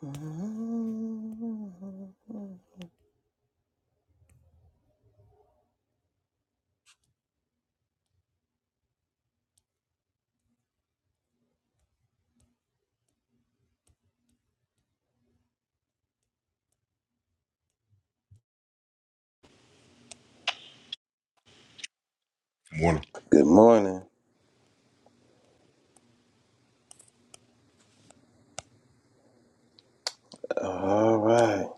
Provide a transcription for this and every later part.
Good Morning. morning. All right.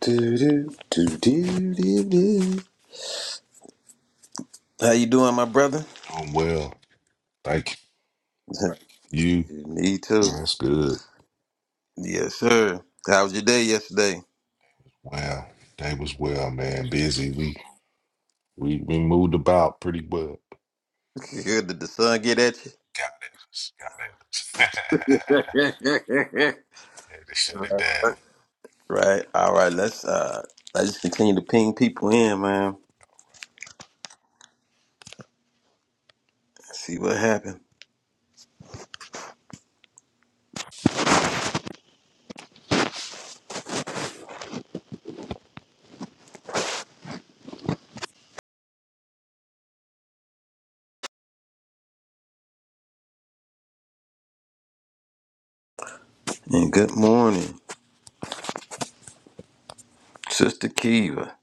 Do do do do do do. How you doing, my brother? Doing well. Thank you. Me too. That's good. Yes, sir. How was your day yesterday? Wow. Day was well, man. Busy. We we we moved about pretty well. Did the sun get at Got it. Got it. you? Had to shut it down. right. All right. Let's uh. Let's just continue to ping people in, man. See what happened. And good morning, Sister Kiva.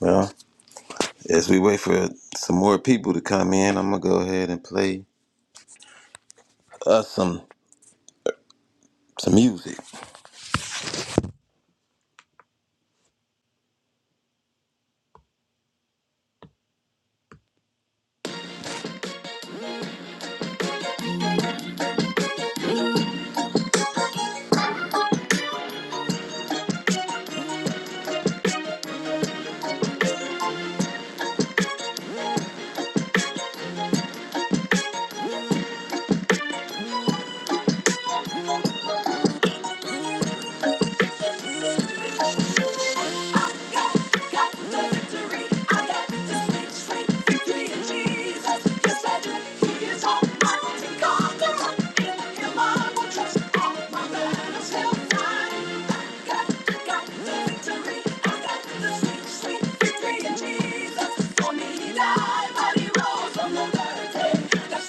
Well, as we wait for some more people to come in, I'm gonna go ahead and play. us some some music. That's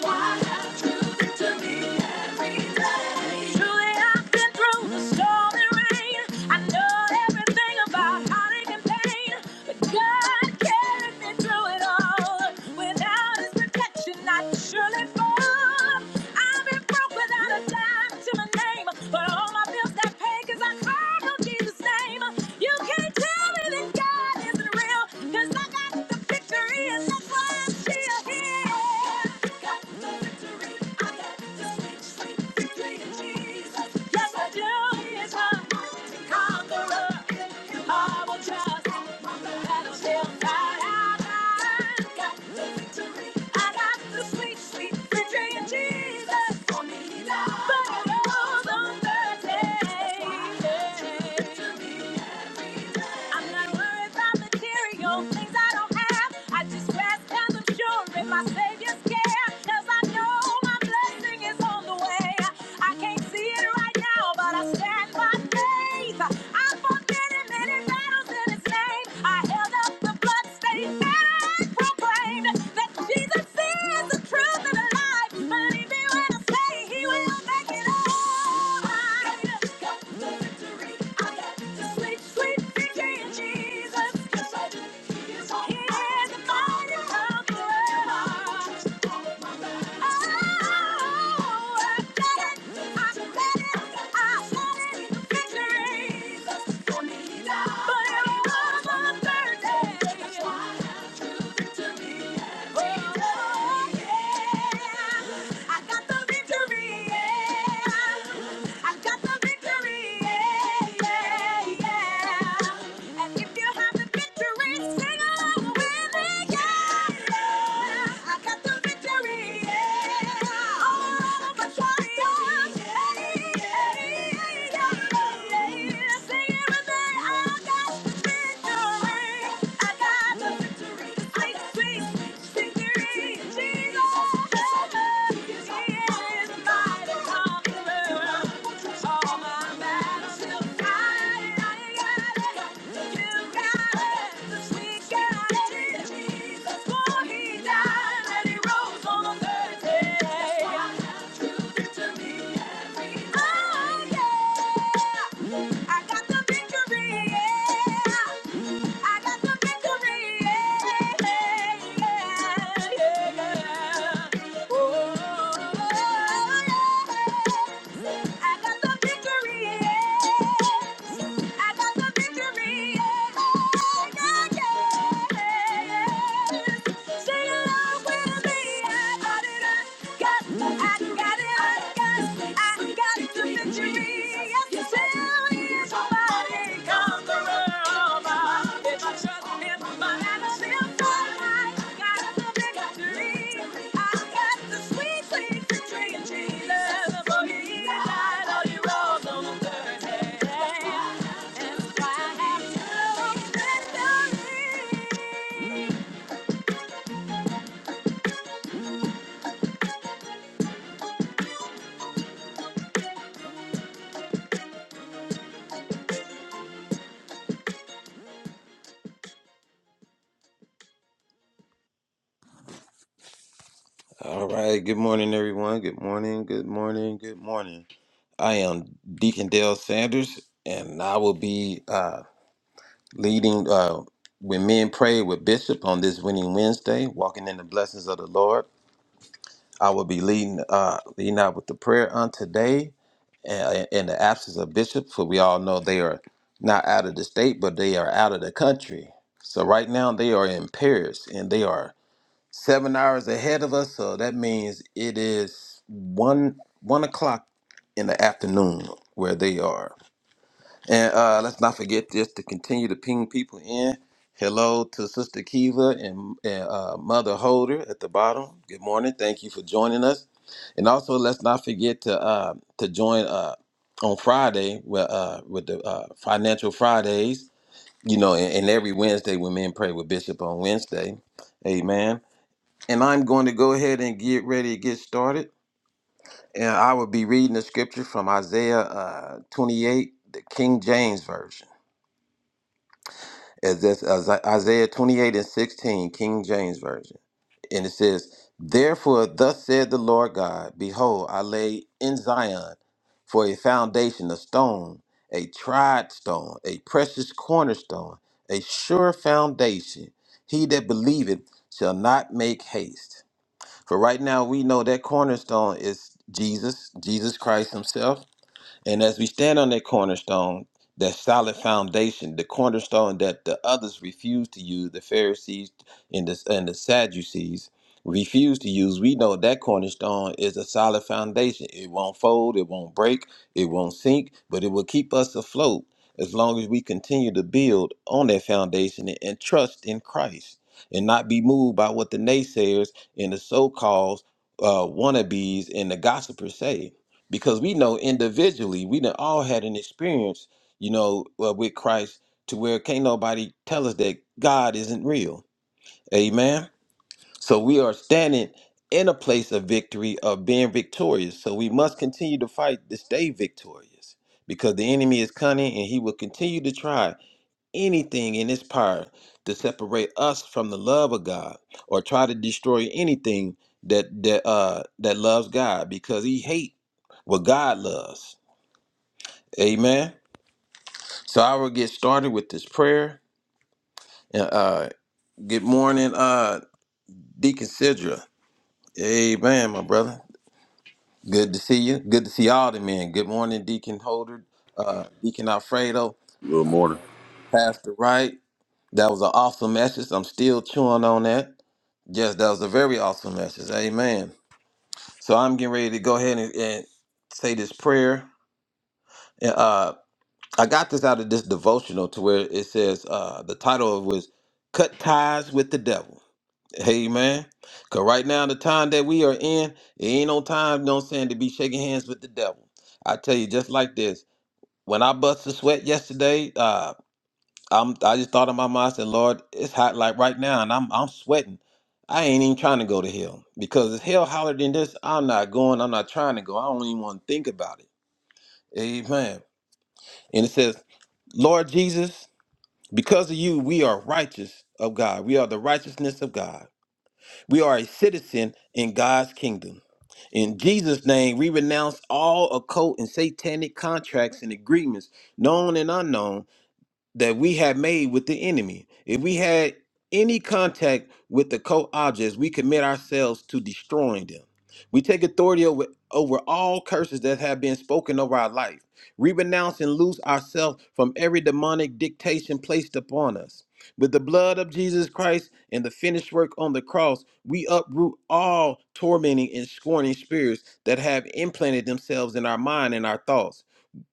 why I have true victory every day. Truly, I been through the storm and rain. I know everything about heartache and pain. But God carried me through it all. Without his protection, I'd surely fall. I've been broke without a dime to my name. But all my bills got paid I called on Jesus' name. You can't tell me that God isn't real, 'cause I got the victory and that's why I'm still here. Got the victory. I got the victory. Yes, I do. Yes, I'm a conqueror. I will trust that I'm not I got the victory. I got the sweet, sweet victory in Jesus. For me, Lord. But it goes on I'm not worried about material things I don't have. I just rest and I'm sure in my Savior's care. 'Cause I know my blessing is on the way. I can't see it right now, but I stand by faith. I fought many, many battles in His name. I held up the bloodstained banner and proclaimed that Jesus is the truth and the life. Believe me when I say He will make it all right. Got the victory. I got the sweet, sweet victory in Jesus. Yes, I do. He is all. He is the mighty conqueror. I got the victory, yeah. I got the victory, yeah, yeah, yeah. And if you haven't victory, sing along with me, yeah. I got the victory, yeah. All over my triumph, yeah, yeah, yeah. Sing it with me, I got victory. I got the victory. Sweet, sweet, victory. Jesus, He is mighty conqueror. All my battles still fight. I got it. You got it. I got the victory. Yeah. I got the victory. yeah. Sweet, sweet victory in Jesus. For me, I know you rose on the third day. All right. Good morning, everyone. Good morning. Good morning. Good morning. I am Deacon Dale Sanders, and I will be uh, leading uh, when men pray with Bishop on this Winning Wednesday, walking in the blessings of the Lord. I will be leading uh, leading out with the prayer on today. uh, in the absence of bishops, for we all know they are not out of the state, but they are out of the country. So right now they are in Paris and they are seven hours ahead of us. So that means it is one one o'clock in the afternoon where they are. And uh, let's not forget just to continue to ping people in. Hello to Sister Kiva and, and uh, Mother Holder at the bottom. Good morning. Thank you for joining us. And also, let's not forget to uh, to join uh, on Friday with, uh, with the uh, Financial Fridays. You know, and, and every Wednesday when men pray with Bishop on Wednesday. Amen. And I'm going to go ahead and get ready to get started. And I will be reading the scripture from Isaiah uh, 28, the King James Version. as that's as Isaiah 28 and 16, King James Version. And it says, Therefore, thus said the Lord God, Behold, I lay in Zion for a foundation, a stone, a tried stone, a precious cornerstone, a sure foundation. He that believeth shall not make haste. For right now, we know that cornerstone is Jesus, Jesus Christ Himself and as we stand on that cornerstone, that solid foundation, the cornerstone that the others refused to use, the Pharisees and the, and the Sadducees refused to use, we know that cornerstone is a solid foundation. It won't fold, it won't break, it won't sink, but it will keep us afloat as long as we continue to build on that foundation and, and trust in Christ and not be moved by what the naysayers and the so called uh, wannabes and the gossipers say because we know individually we done all had an experience, you know, uh, with Christ to where can't nobody tell us that God isn't real. Amen. So we are standing in a place of victory of being victorious. So we must continue to fight to stay victorious because the enemy is cunning and he will continue to try anything in its power to separate us from the love of God or try to destroy anything that that uh that loves God because he hate what God loves. Amen. So I will get started with this prayer. And uh good morning, uh Deacon Sidra. Amen, my brother. Good to see you. Good to see all the men. Good morning, Deacon Holder, uh Deacon Alfredo, Good morning. Pastor Wright. That was an awesome message. I'm still chewing on that. Yes, that was a very awesome message. Amen. So I'm getting ready to go ahead and, and say this prayer. And uh, I got this out of this devotional to where it says uh, the title of it was "Cut Ties with the Devil." Amen. Cause right now the time that we are in, it ain't no time, you know what I'm saying, to be shaking hands with the devil. I tell you, just like this. When I bust a sweat yesterday, uh, I'm I just thought in my mind, I said, Lord, it's hot like right now, and I'm I'm sweating. I ain't even trying to go to hell because if hell hollered in this, I'm not going. I'm not trying to go. I don't even want to think about it. Amen. And it says, Lord Jesus, because of you, we are righteous of God. We are the righteousness of God. We are a citizen in God's kingdom. In Jesus' name, we renounce all occult and satanic contracts and agreements, known and unknown, that we have made with the enemy. If we had any contact with the co objects, we commit ourselves to destroying them. We take authority over, over all curses that have been spoken over our life. We renounce and loose ourselves from every demonic dictation placed upon us. With the blood of Jesus Christ and the finished work on the cross, we uproot all tormenting and scorning spirits that have implanted themselves in our mind and our thoughts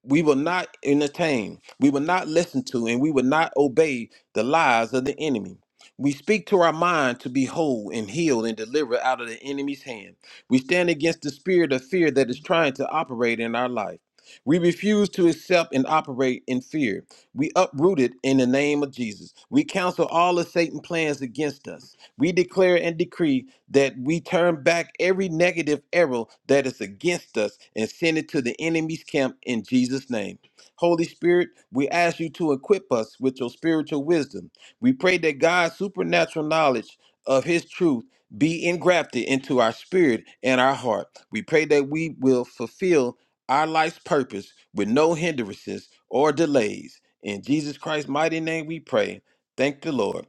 we will not entertain, we will not listen to, and we will not obey the lies of the enemy. We speak to our mind to be whole and healed and delivered out of the enemy's hand. We stand against the spirit of fear that is trying to operate in our life. We refuse to accept and operate in fear. We uproot it in the name of Jesus. We cancel all of Satan's plans against us. We declare and decree that we turn back every negative arrow that is against us and send it to the enemy's camp in Jesus' name. Holy Spirit, we ask you to equip us with your spiritual wisdom. We pray that God's supernatural knowledge of his truth be engrafted into our spirit and our heart. We pray that we will fulfill our life's purpose with no hindrances or delays. In Jesus Christ's mighty name we pray. Thank the Lord.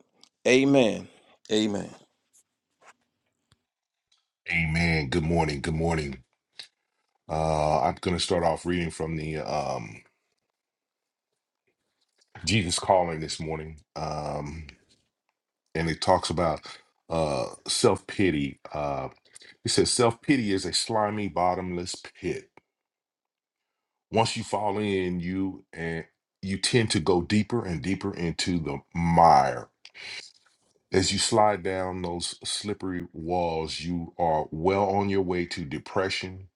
Amen. Amen. Amen. Good morning. Good morning. Uh I'm gonna start off reading from the um Jesus calling this morning. Um and it talks about uh self-pity. Uh it says self-pity is a slimy, bottomless pit. Once you fall in, you and you tend to go deeper and deeper into the mire. As you slide down those slippery walls, you are well on your way to depression,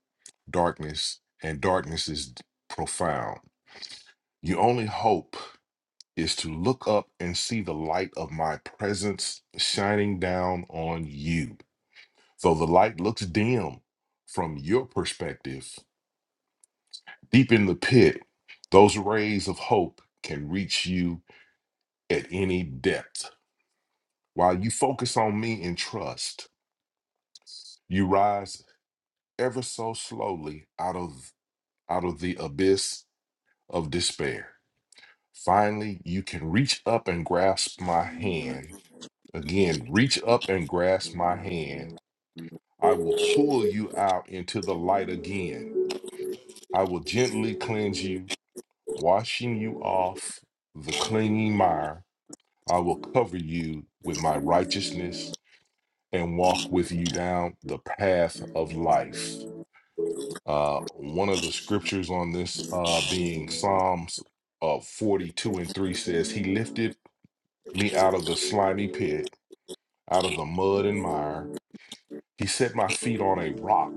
darkness, and darkness is d- profound. Your only hope is to look up and see the light of my presence shining down on you. Though the light looks dim from your perspective, deep in the pit, those rays of hope can reach you at any depth. While you focus on me and trust, you rise ever so slowly out of out of the abyss of despair. Finally, you can reach up and grasp my hand. Again, reach up and grasp my hand. I will pull you out into the light again. I will gently cleanse you, washing you off the clinging mire. I will cover you with my righteousness and walk with you down the path of life. Uh, one of the scriptures on this uh, being Psalms uh, 42 and 3 says, He lifted me out of the slimy pit, out of the mud and mire. He set my feet on a rock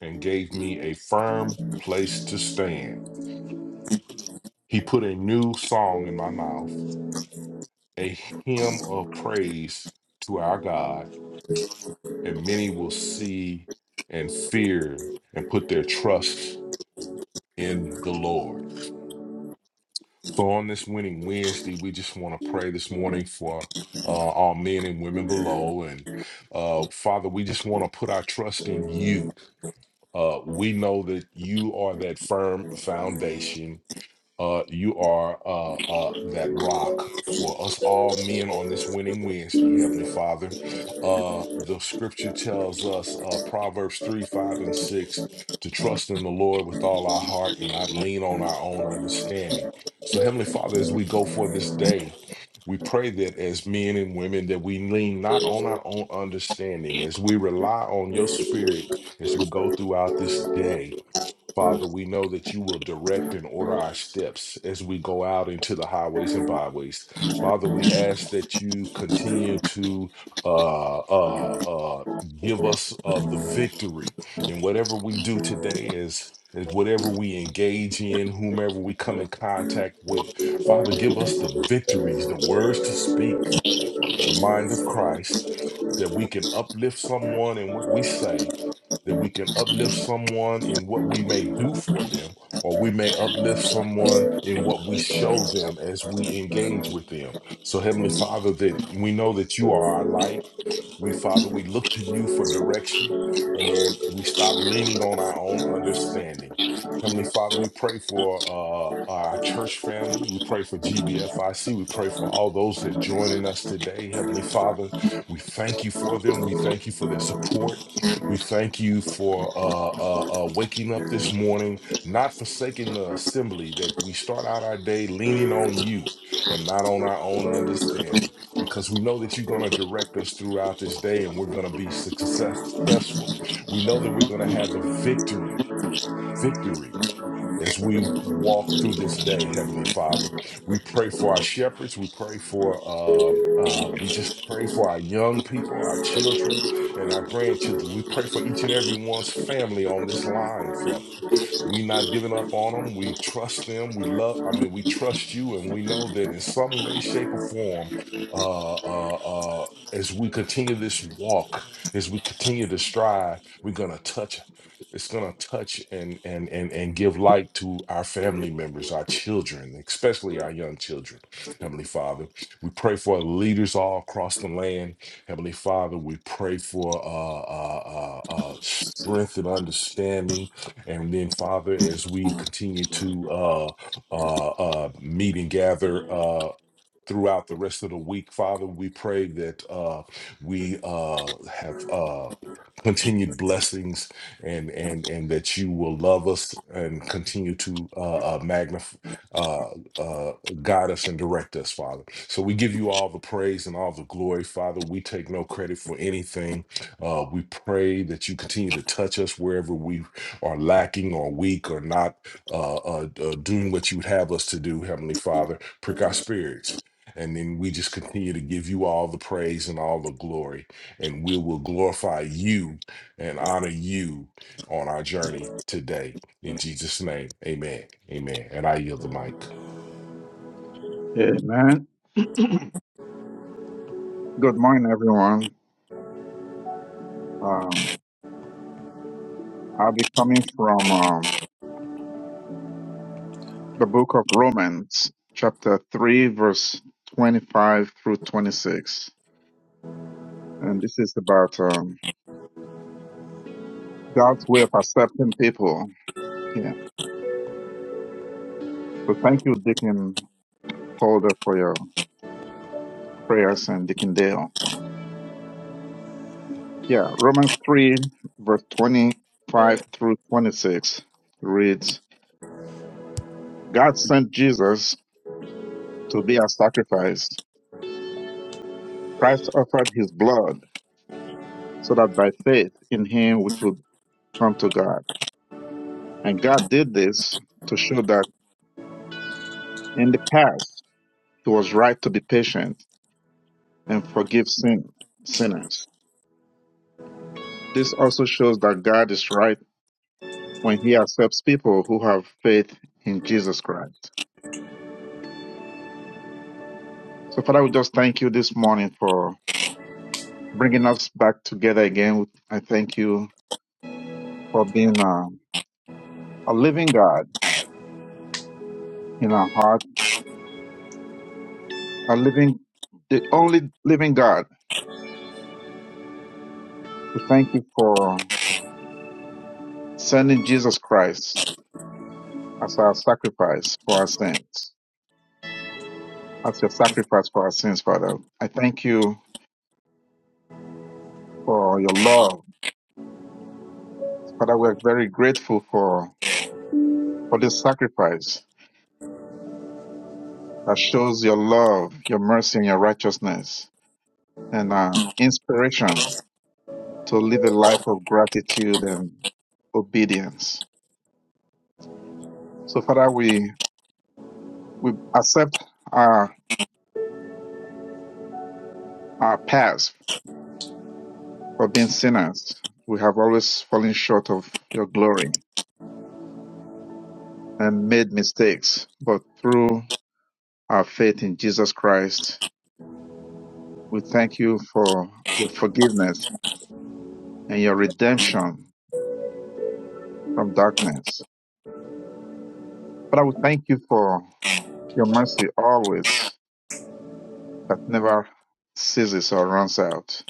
and gave me a firm place to stand. He put a new song in my mouth, a hymn of praise to our God, and many will see and fear and put their trust in the Lord. So on this winning Wednesday, we just want to pray this morning for uh, our men and women below. And uh, Father, we just want to put our trust in you. Uh, we know that you are that firm foundation. Uh, you are uh, uh, that rock for us all men on this winning Wednesday, Heavenly Father. Uh, the scripture tells us, uh, Proverbs 3, 5, and 6, to trust in the Lord with all our heart and not lean on our own understanding. So, Heavenly Father, as we go for this day, we pray that as men and women that we lean not on our own understanding, as we rely on your spirit as we go throughout this day Father, we know that you will direct and order our steps as we go out into the highways and byways. Father, we ask that you continue to uh, uh, uh, give us uh, the victory in whatever we do today is. Is whatever we engage in, whomever we come in contact with, Father, give us the victories, the words to speak, the mind of Christ, that we can uplift someone in what we say, that we can uplift someone in what we may do for them, or we may uplift someone in what we show them as we engage with them. So, Heavenly Father, that we know that you are our light. We, Father, we look to you for direction and then we stop leaning on our own understanding. Heavenly Father, we pray for uh, uh, our church family. We pray for GBFIC. We pray for all those that are joining us today. Heavenly Father, we thank you for them. We thank you for their support. We thank you for uh, uh, uh, waking up this morning, not forsaking the assembly, that we start out our day leaning on you and not on our own understanding because we know that you're going to direct us throughout this day and we're going to be success- successful. We know that we're going to have the victory, victory as we walk through this day, Heavenly Father. We pray for our shepherds. We pray for, uh, uh, we just pray for our young people, our children, and our grandchildren. We pray for each and every one's family on this line, Father. We not giving up on them. We trust them. We love, I mean, we trust you, and we know that in some way, shape, or form, uh, uh, uh, as we continue this walk, as we continue to strive, we're going to touch it's going to touch and and and and give light to our family members our children especially our young children heavenly father we pray for leaders all across the land heavenly father we pray for uh uh uh, uh strength and understanding and then father as we continue to uh uh uh meet and gather uh, throughout the rest of the week. Father, we pray that uh, we uh, have uh, continued blessings and and and that you will love us and continue to uh, uh, magnify, uh, uh, guide us and direct us, Father. So we give you all the praise and all the glory, Father. We take no credit for anything. Uh, we pray that you continue to touch us wherever we are lacking or weak or not uh, uh, uh, doing what you would have us to do, Heavenly Father. Prick our spirits and then we just continue to give you all the praise and all the glory. And we will glorify you and honor you on our journey today. In Jesus' name, amen. Amen. And I yield the mic. Amen. Good morning, everyone. Um, I'll be coming from um, the book of Romans, chapter 3, verse 25 through 26. And this is about um, God's way of accepting people. Yeah. So thank you, Deacon Holder, for your prayers and Deacon Dale. Yeah. Romans 3, verse 25 through 26 reads God sent Jesus to be our sacrifice. Christ offered his blood so that by faith in him we could come to God. And God did this to show that in the past it was right to be patient and forgive sin, sinners. This also shows that God is right when he accepts people who have faith in Jesus Christ. So Father, we just thank you this morning for bringing us back together again. I thank you for being a, a living God in our heart, a living, the only living God. We thank you for sending Jesus Christ as our sacrifice for our sins, as your sacrifice for our sins, Father. I thank you for your love. Father, we're very grateful for, for this sacrifice that shows your love, your mercy, and your righteousness, and uh, inspiration to live a life of gratitude and obedience. So, Father, we, we accept our, our past for being sinners. We have always fallen short of your glory and made mistakes, but through our faith in Jesus Christ, we thank you for your forgiveness and your redemption from darkness. But I would thank you for your mercy always that never ceases or runs out.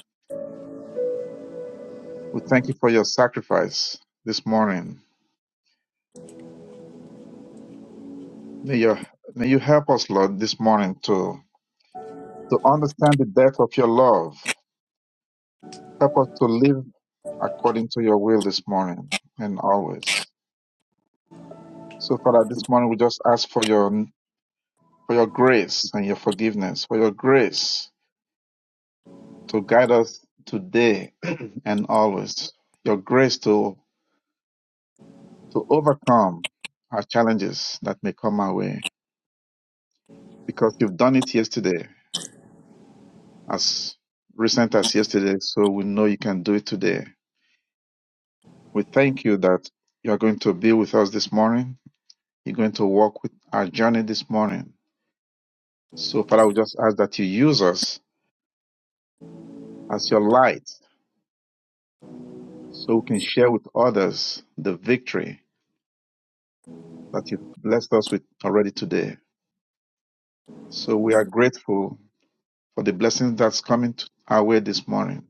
We thank you for your sacrifice this morning. May, your, may you help us, Lord, this morning to, to understand the depth of your love. Help us to live according to your will this morning and always. So, Father, this morning we just ask for your for your grace and your forgiveness, for your grace to guide us today and always. Your grace to to overcome our challenges that may come our way, because you've done it yesterday, as recent as yesterday. So we know you can do it today. We thank you that you are going to be with us this morning. You're going to walk with our journey this morning. So, Father, we just ask that you use us as your light so we can share with others the victory that you've blessed us with already today. So we are grateful for the blessing that's coming our way this morning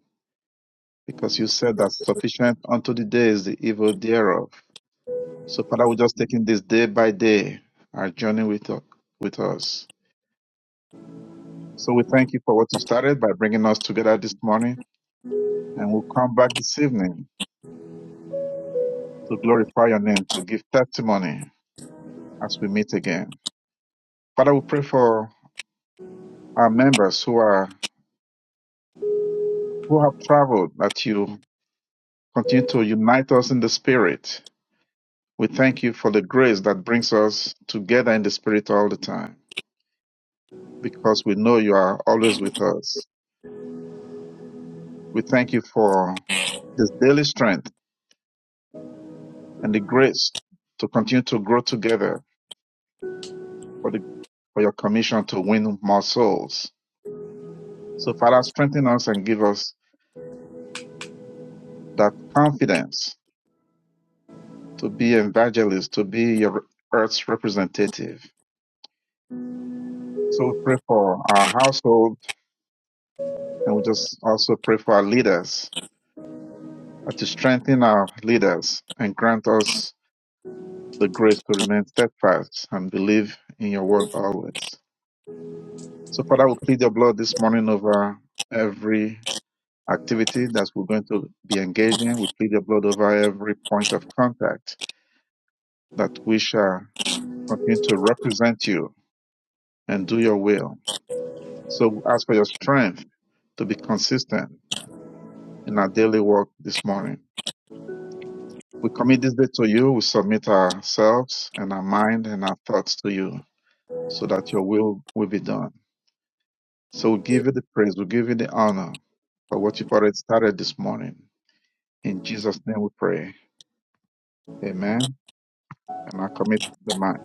because you said that sufficient unto the day is the evil thereof. So Father, we're just taking this day by day, our journey with, with us. So we thank you for what you started by bringing us together this morning and we'll come back this evening to glorify your name, to give testimony as we meet again. Father, we pray for our members who are who have traveled, that you continue to unite us in the Spirit. We thank you for the grace that brings us together in the Spirit all the time, because we know you are always with us. We thank you for this daily strength and the grace to continue to grow together for the for your commission to win more souls. So Father, strengthen us and give us that confidence to be evangelists, to be your earth's representative. So we pray for our household And we just also pray for our leaders, uh, to strengthen our leaders and grant us the grace to remain steadfast and believe in your word always. So, Father, we plead your blood this morning over every activity that we're going to be engaged in. We plead your blood over every point of contact that we shall continue to represent you and do your will. So, we ask for your strength to be consistent in our daily work this morning. We commit this day to you. We submit ourselves and our mind and our thoughts to you so that your will will be done. So we give you the praise. We give you the honor for what you've already started this morning. In Jesus' name we pray. Amen. And I commit the mind.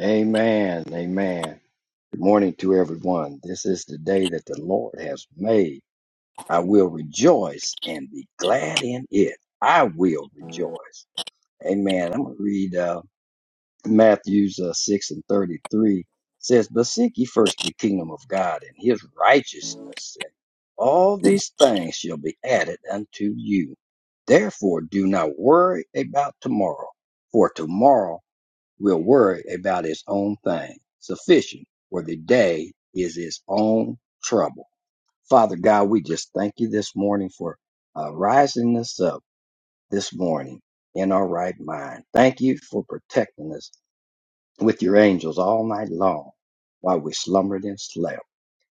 Amen. Amen. Good morning to everyone. This is the day that the Lord has made. I will rejoice and be glad in it. I will rejoice. Amen. I'm going to read uh, Matthew's uh, 6 and 33. It says, But seek ye first the kingdom of God and his righteousness, and all these things shall be added unto you. Therefore, do not worry about tomorrow, for tomorrow will worry about its own thing. Sufficient for the day is its own trouble. Father God, we just thank you this morning for uh, rising us up this morning in our right mind. Thank you for protecting us with your angels all night long while we slumbered and slept.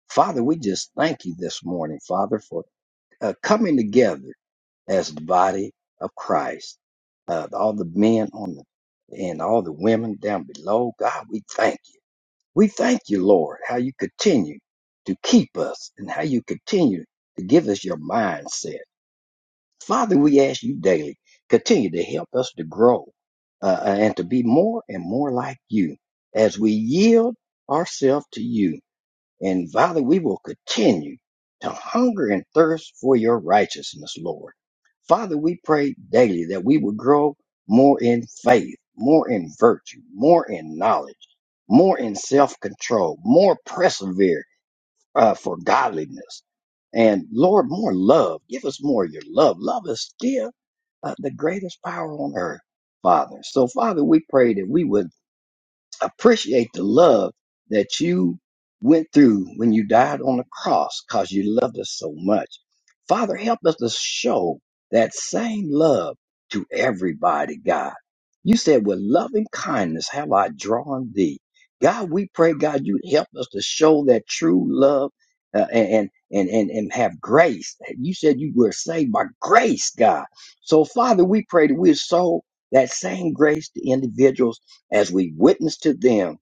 Father, we just thank you this morning, Father, for uh, coming together as the body of Christ. Uh, all the men on the and all the women down below, God, we thank you. We thank you, Lord, how you continue to keep us and how you continue to give us your mindset. Father, we ask you daily, continue to help us to grow uh, uh, and to be more and more like you as we yield ourselves to you and Father, we will continue to hunger and thirst for your righteousness, Lord. Father, we pray daily that we would grow more in faith, more in virtue, more in knowledge, more in self control, more persevere uh, for godliness. And Lord, more love. Give us more of your love. Love is still uh, the greatest power on earth, Father. So, Father, we pray that we would appreciate the love that you went through when you died on the cross because you loved us so much. Father, help us to show that same love to everybody, God. You said, with loving kindness have I drawn thee. God, we pray, God, you help us to show that true love uh, and, and, and, and have grace. You said you were saved by grace, God. So, Father, we pray that we sow that same grace to individuals as we witness to them,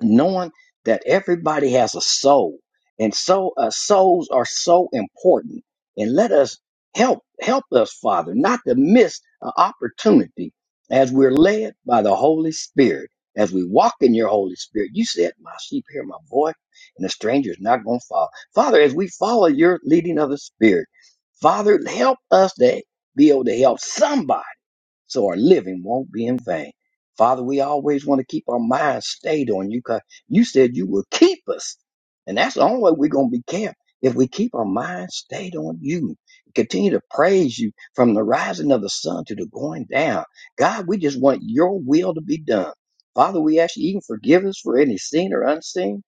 knowing that everybody has a soul, and so uh, souls are so important. And let us help help us, Father, not to miss an opportunity as we're led by the Holy Spirit. As we walk in your Holy Spirit, you said, "My sheep hear my voice, and the stranger is not going to follow." Father, as we follow your leading of the Spirit, Father, help us to be able to help somebody so our living won't be in vain. Father, we always want to keep our minds stayed on you because you said you will keep us. And that's the only way we're going to be kept if we keep our minds stayed on you. Continue to praise you from the rising of the sun to the going down. God, we just want your will to be done. Father, we ask you even forgive us for any seen or unseen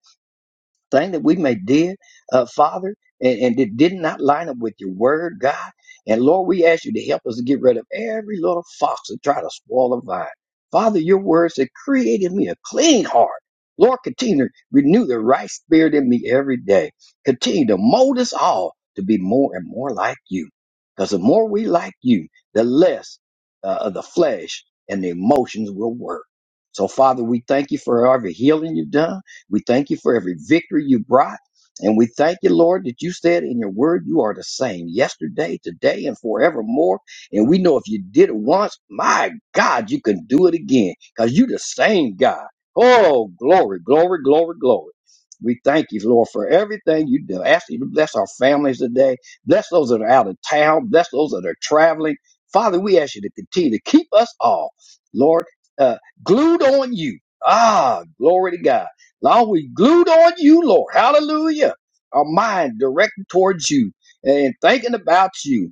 thing that we may did, uh, Father, and, and it did not line up with your word, God. And Lord, we ask you to help us to get rid of every little fox that try to spoil the vine. Father, your words that created me a clean heart. Lord, continue to renew the right spirit in me every day. Continue to mold us all to be more and more like you. Because the more we like you, the less uh, of the flesh and the emotions will work. So, Father, we thank you for every healing you've done. We thank you for every victory you brought. And we thank you, Lord, that you said in your word, you are the same yesterday, today, and forevermore. And we know if you did it once, my God, you can do it again because you the same God. Oh, glory, glory, glory, glory. We thank you, Lord, for everything you do. Ask you to bless our families today. Bless those that are out of town. Bless those that are traveling. Father, we ask you to continue to keep us all, Lord, uh, glued on you. Ah, glory to God. Long we glued on you, Lord. Hallelujah. Our mind directed towards you and thinking about you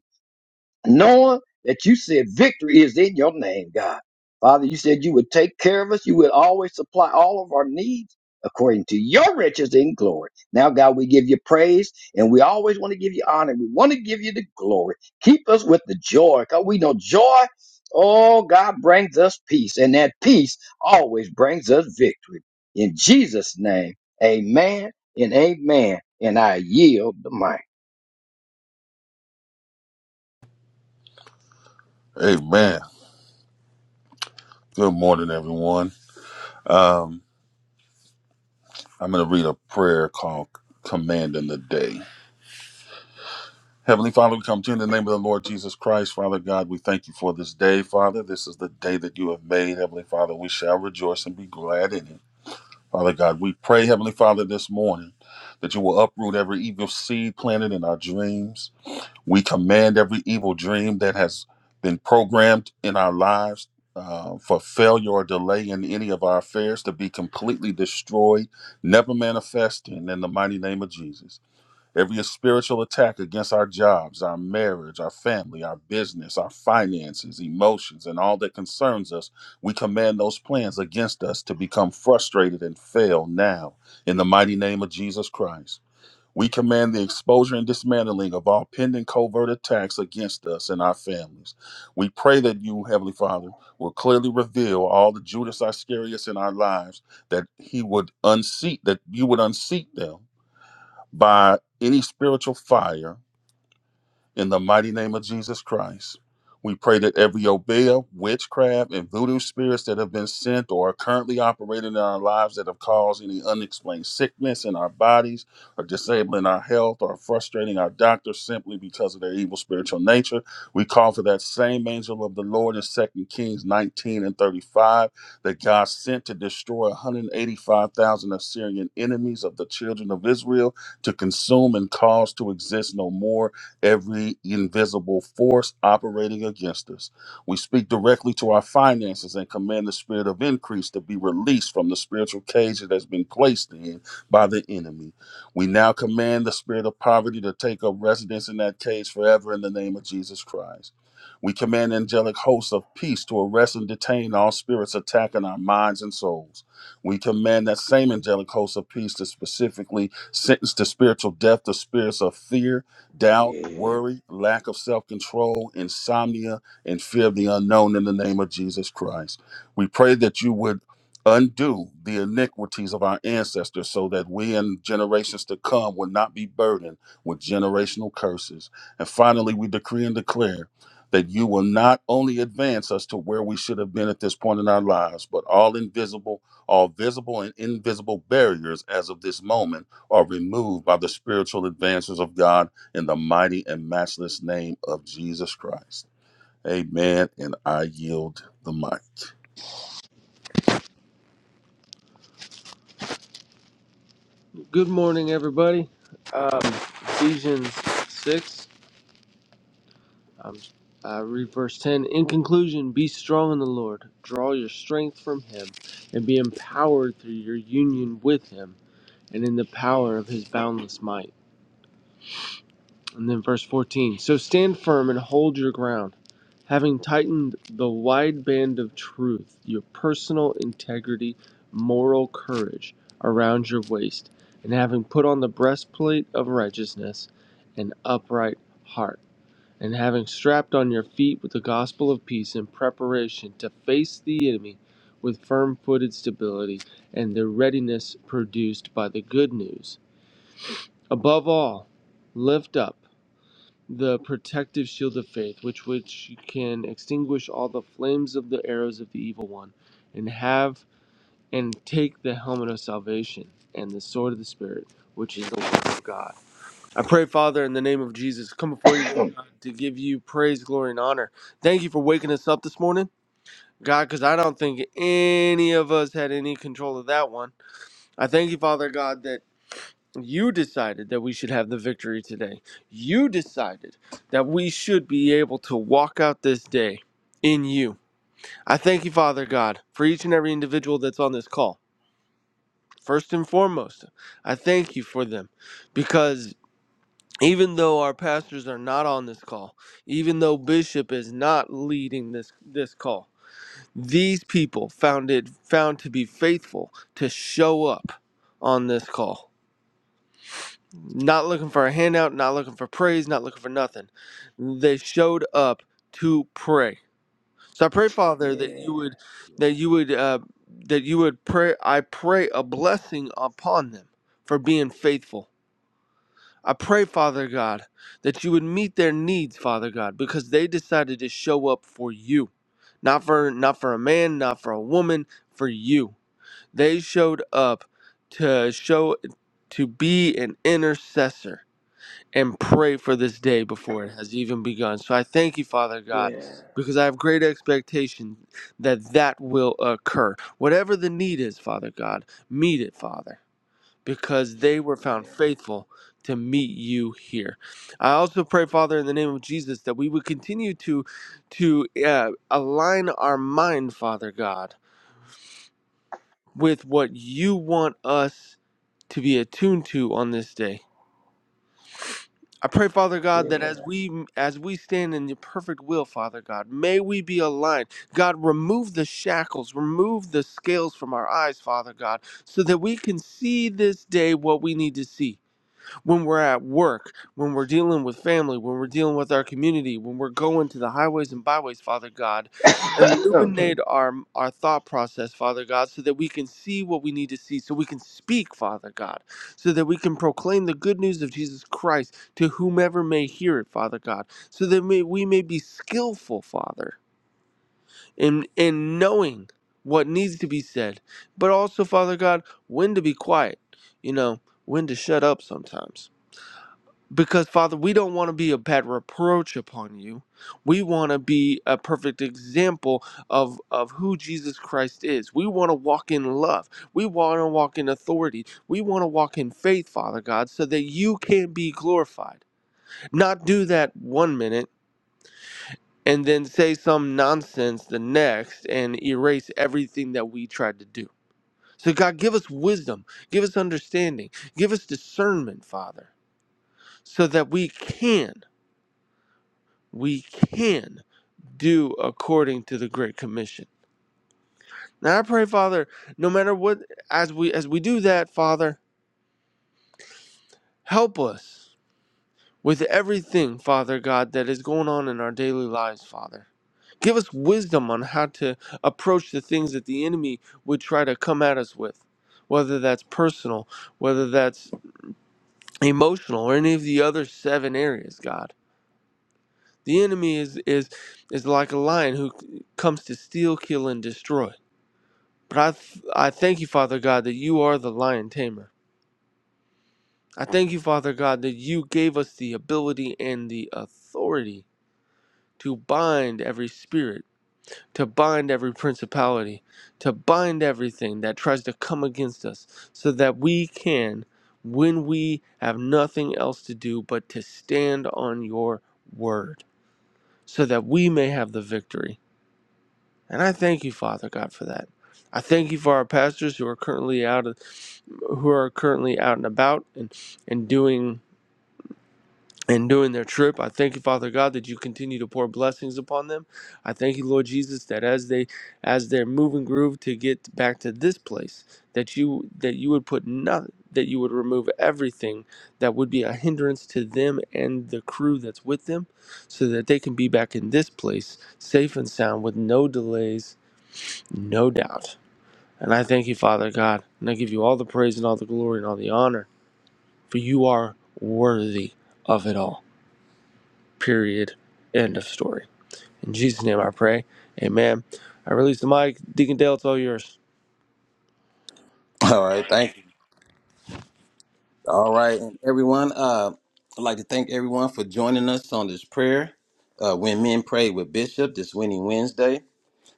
knowing that you said victory is in your name, God. Father, you said you would take care of us. You would always supply all of our needs according to your riches in glory. Now, God, we give you praise and we always want to give you honor. We want to give you the glory. Keep us with the joy because we know joy, oh, God, brings us peace and that peace always brings us victory. In Jesus' name, amen and amen. And I yield the mic. Amen. Good morning, everyone. Um, I'm going to read a prayer called Commanding the Day. Heavenly Father, we come to you in the name of the Lord Jesus Christ. Father God, we thank you for this day, Father. This is the day that you have made, Heavenly Father. We shall rejoice and be glad in it. Father God, we pray, Heavenly Father, this morning that you will uproot every evil seed planted in our dreams. We command every evil dream that has been programmed in our lives uh, for failure or delay in any of our affairs to be completely destroyed, never manifesting in the mighty name of Jesus. Every spiritual attack against our jobs, our marriage, our family, our business, our finances, emotions, and all that concerns us, we command those plans against us to become frustrated and fail now in the mighty name of Jesus Christ. We command the exposure and dismantling of all pending covert attacks against us and our families. We pray that you, Heavenly Father, will clearly reveal all the Judas Iscariots in our lives, that he would unseat, that you would unseat them by any spiritual fire in the mighty name of Jesus Christ, we pray that every obeah, witchcraft, and voodoo spirits that have been sent or are currently operating in our lives that have caused any unexplained sickness in our bodies or disabling our health or frustrating our doctors simply because of their evil spiritual nature, we call for that same angel of the Lord in Second Kings 19 and 35 that God sent to destroy 185,000 Assyrian enemies of the children of Israel to consume and cause to exist no more every invisible force operating against us. We speak directly to our finances and command the spirit of increase to be released from the spiritual cage it has been placed in by the enemy. We now command the spirit of poverty to take up residence in that cage forever in the name of Jesus Christ. We command angelic hosts of peace to arrest and detain all spirits attacking our minds and souls. We command that same angelic host of peace to specifically sentence to spiritual death the spirits of fear, doubt, Yeah, worry, lack of self control, insomnia, and fear of the unknown in the name of Jesus Christ. We pray that you would undo the iniquities of our ancestors so that we and generations to come would not be burdened with generational curses. And finally, we decree and declare. That you will not only advance us to where we should have been at this point in our lives, but all invisible, all visible and invisible barriers as of this moment are removed by the spiritual advances of God in the mighty and matchless name of Jesus Christ. Amen. And I yield the mic. Good morning, everybody. Um, Ephesians 6, um, I read verse 10. In conclusion, be strong in the Lord, draw your strength from Him, and be empowered through your union with Him and in the power of His boundless might. And then verse 14 So stand firm and hold your ground, having tightened the wide band of truth, your personal integrity, moral courage around your waist, and having put on the breastplate of righteousness, an upright heart, and having strapped on your feet with the gospel of peace in preparation to face the enemy with firm footed stability and the readiness produced by the good news. Above all, lift up the protective shield of faith, which which can extinguish all the flames of the arrows of the evil one, and have and take the helmet of salvation and the sword of the spirit, which is the word of God. I pray, Father, in the name of Jesus, come before you dear God, to give you praise, glory, and honor. Thank you for waking us up this morning. God, because I don't think any of us had any control of that one. I thank you, Father God, that you decided that we should have the victory today. You decided that we should be able to walk out this day in you. I thank you, Father God, for each and every individual that's on this call. First and foremost, I thank you for them because even though our pastors are not on this call, even though Bishop is not leading this, this call, these people found it found to be faithful to show up on this call not looking for a handout, not looking for praise, not looking for nothing. They showed up to pray. So I pray, Father, that yeah, you would, yeah. that you would, uh, that you would pray. I pray a blessing upon them for being faithful. I pray, Father God, that you would meet their needs, Father God, because they decided to show up for you, not for not for a man, not for a woman, for you. They showed up to show to be an intercessor and pray for this day before it has even begun. So I thank you, Father God, Yeah. because I have great expectation that that will occur. Whatever the need is, Father God, meet it, Father, because they were found faithful to meet you here. I also pray, Father, in the name of Jesus, that we would continue to to uh, align our mind, Father God, with what you want us to be attuned to on this day I pray, Father God, that Yeah. as we as we stand in your perfect will, Father God, may we be aligned. God, remove the shackles, remove the scales from our eyes, Father God, so that we can see this day what we need to see when we're at work, when we're dealing with family, when we're dealing with our community, when we're going to the highways and byways, Father God, Yeah. illuminate our our thought process, Father God, so that we can see what we need to see, so we can speak, Father God, so that we can proclaim the good news of Jesus Christ to whomever may hear it, Father God, so that may, we may be skillful, Father, in in knowing what needs to be said, but also, Father God, when to be quiet, you know, when to shut up sometimes because, Father, we don't want to be a bad reproach upon you. We want to be a perfect example of, of who Jesus Christ is. We want to walk in love. We want to walk in authority. We want to walk in faith, Father God, so that you can be glorified. Not do that one minute and then say some nonsense the next and erase everything that we tried to do. So, God, give us wisdom, give us understanding, give us discernment, Father, so that we can. we can do according to the great commission now i pray father no matter what as we as we do that father help us with everything father god that is going on in our daily lives father give us wisdom on how to approach the things that the enemy would try to come at us with whether that's personal whether that's emotional or any of the other seven areas god the enemy is is is like a lion who comes to steal kill and destroy But I, th- I thank you, Father God, that you are the lion tamer. I thank you, Father God, that you gave us the ability and the authority to bind every spirit, to bind every principality, to bind everything that tries to come against us, so that we can, when we have nothing else to do but to stand on your word, so that we may have the victory. And I thank you, Father God, for that. I thank you for our pastors who are currently out of. who are currently out and about and, and doing and doing their trip. I thank you, Father God, that you continue to pour blessings upon them. I thank you, Lord Jesus, that as they as they're moving groove to get back to this place, that you that you would put nothing that you would remove everything that would be a hindrance to them and the crew that's with them so that they can be back in this place safe and sound with no delays, no doubt. And I thank you, Father God, and I give you all the praise and all the glory and all the honor for you are worthy of it all. Period. End of story. In Jesus' name I pray. Amen. I release the mic. Deacon Dale, it's all yours. All right. Thank you. All right. And everyone, uh, I'd like to thank everyone for joining us on this prayer. Uh, when men pray with Bishop this winning Wednesday.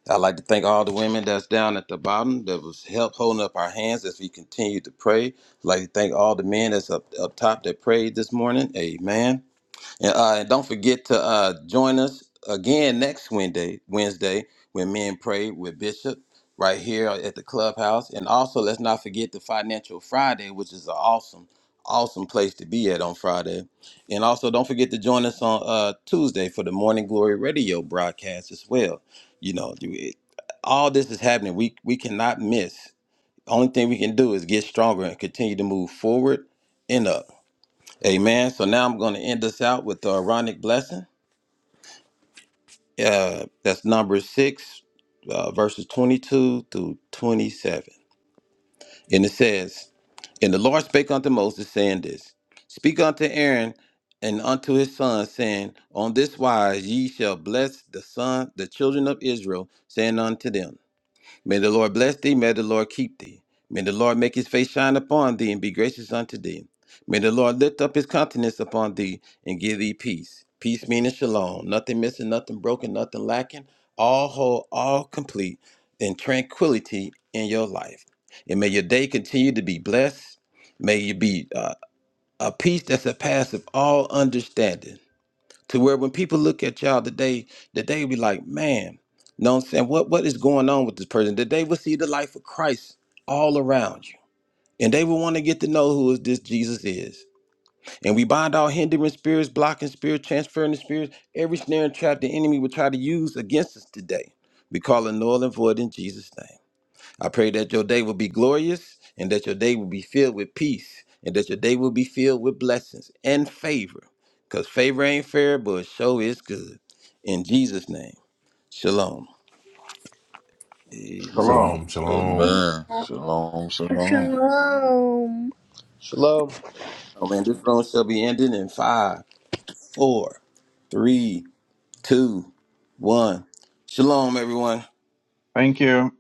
I'd like to thank all the women that's down at the bottom that was help holding up our hands as we continue to pray. I'd like to thank all the men that's up, up top that prayed this morning. Amen. And, uh, and don't forget to uh, join us again next Wednesday, Wednesday when men pray with Bishop right here at the clubhouse. And also, let's not forget the Financial Friday, which is an awesome, awesome place to be at on Friday. And also, don't forget to join us on uh, Tuesday for the Morning Glory Radio broadcast as well. You know, you- it- all this is happening. We we cannot miss. Only thing we can do is get stronger and continue to move forward and up. Amen. So now I'm going to end this out with the Aaronic blessing. Uh, that's number six, uh, verses 22 through 27. And it says, And the Lord spake unto Moses, saying this Speak unto Aaron and unto his sons, saying, On this wise ye shall bless the son, the children of Israel, saying unto them, May the Lord bless thee. May the Lord keep thee. May the Lord make his face shine upon thee and be gracious unto thee. May the Lord lift up his countenance upon thee and give thee peace. Peace meaning shalom. Nothing missing, nothing broken, nothing lacking. All whole, all complete, and tranquility in your life. And may your day continue to be blessed. May you be uh, a peace that surpasses all understanding to where when people look at y'all today, that they be like, man, know what I'm saying? What what is going on with this person? That they will see the life of Christ all around you. And they will want to get to know who is this Jesus is. And we bind all hindering spirits, blocking spirits, transferring the spirits, every snare and trap the enemy will try to use against us today. We call it null and void in Jesus' name. I pray that your day will be glorious and that your day will be filled with peace and that your day will be filled with blessings and favor. Because favor ain't fair, but it sure is good. In Jesus' name, shalom. Amen. Shalom. Shalom, shalom. Amen. Shalom, shalom. Shalom. Shalom. Oh man, this room shall be ending in five, four, three, two, one. Shalom, everyone. Thank you.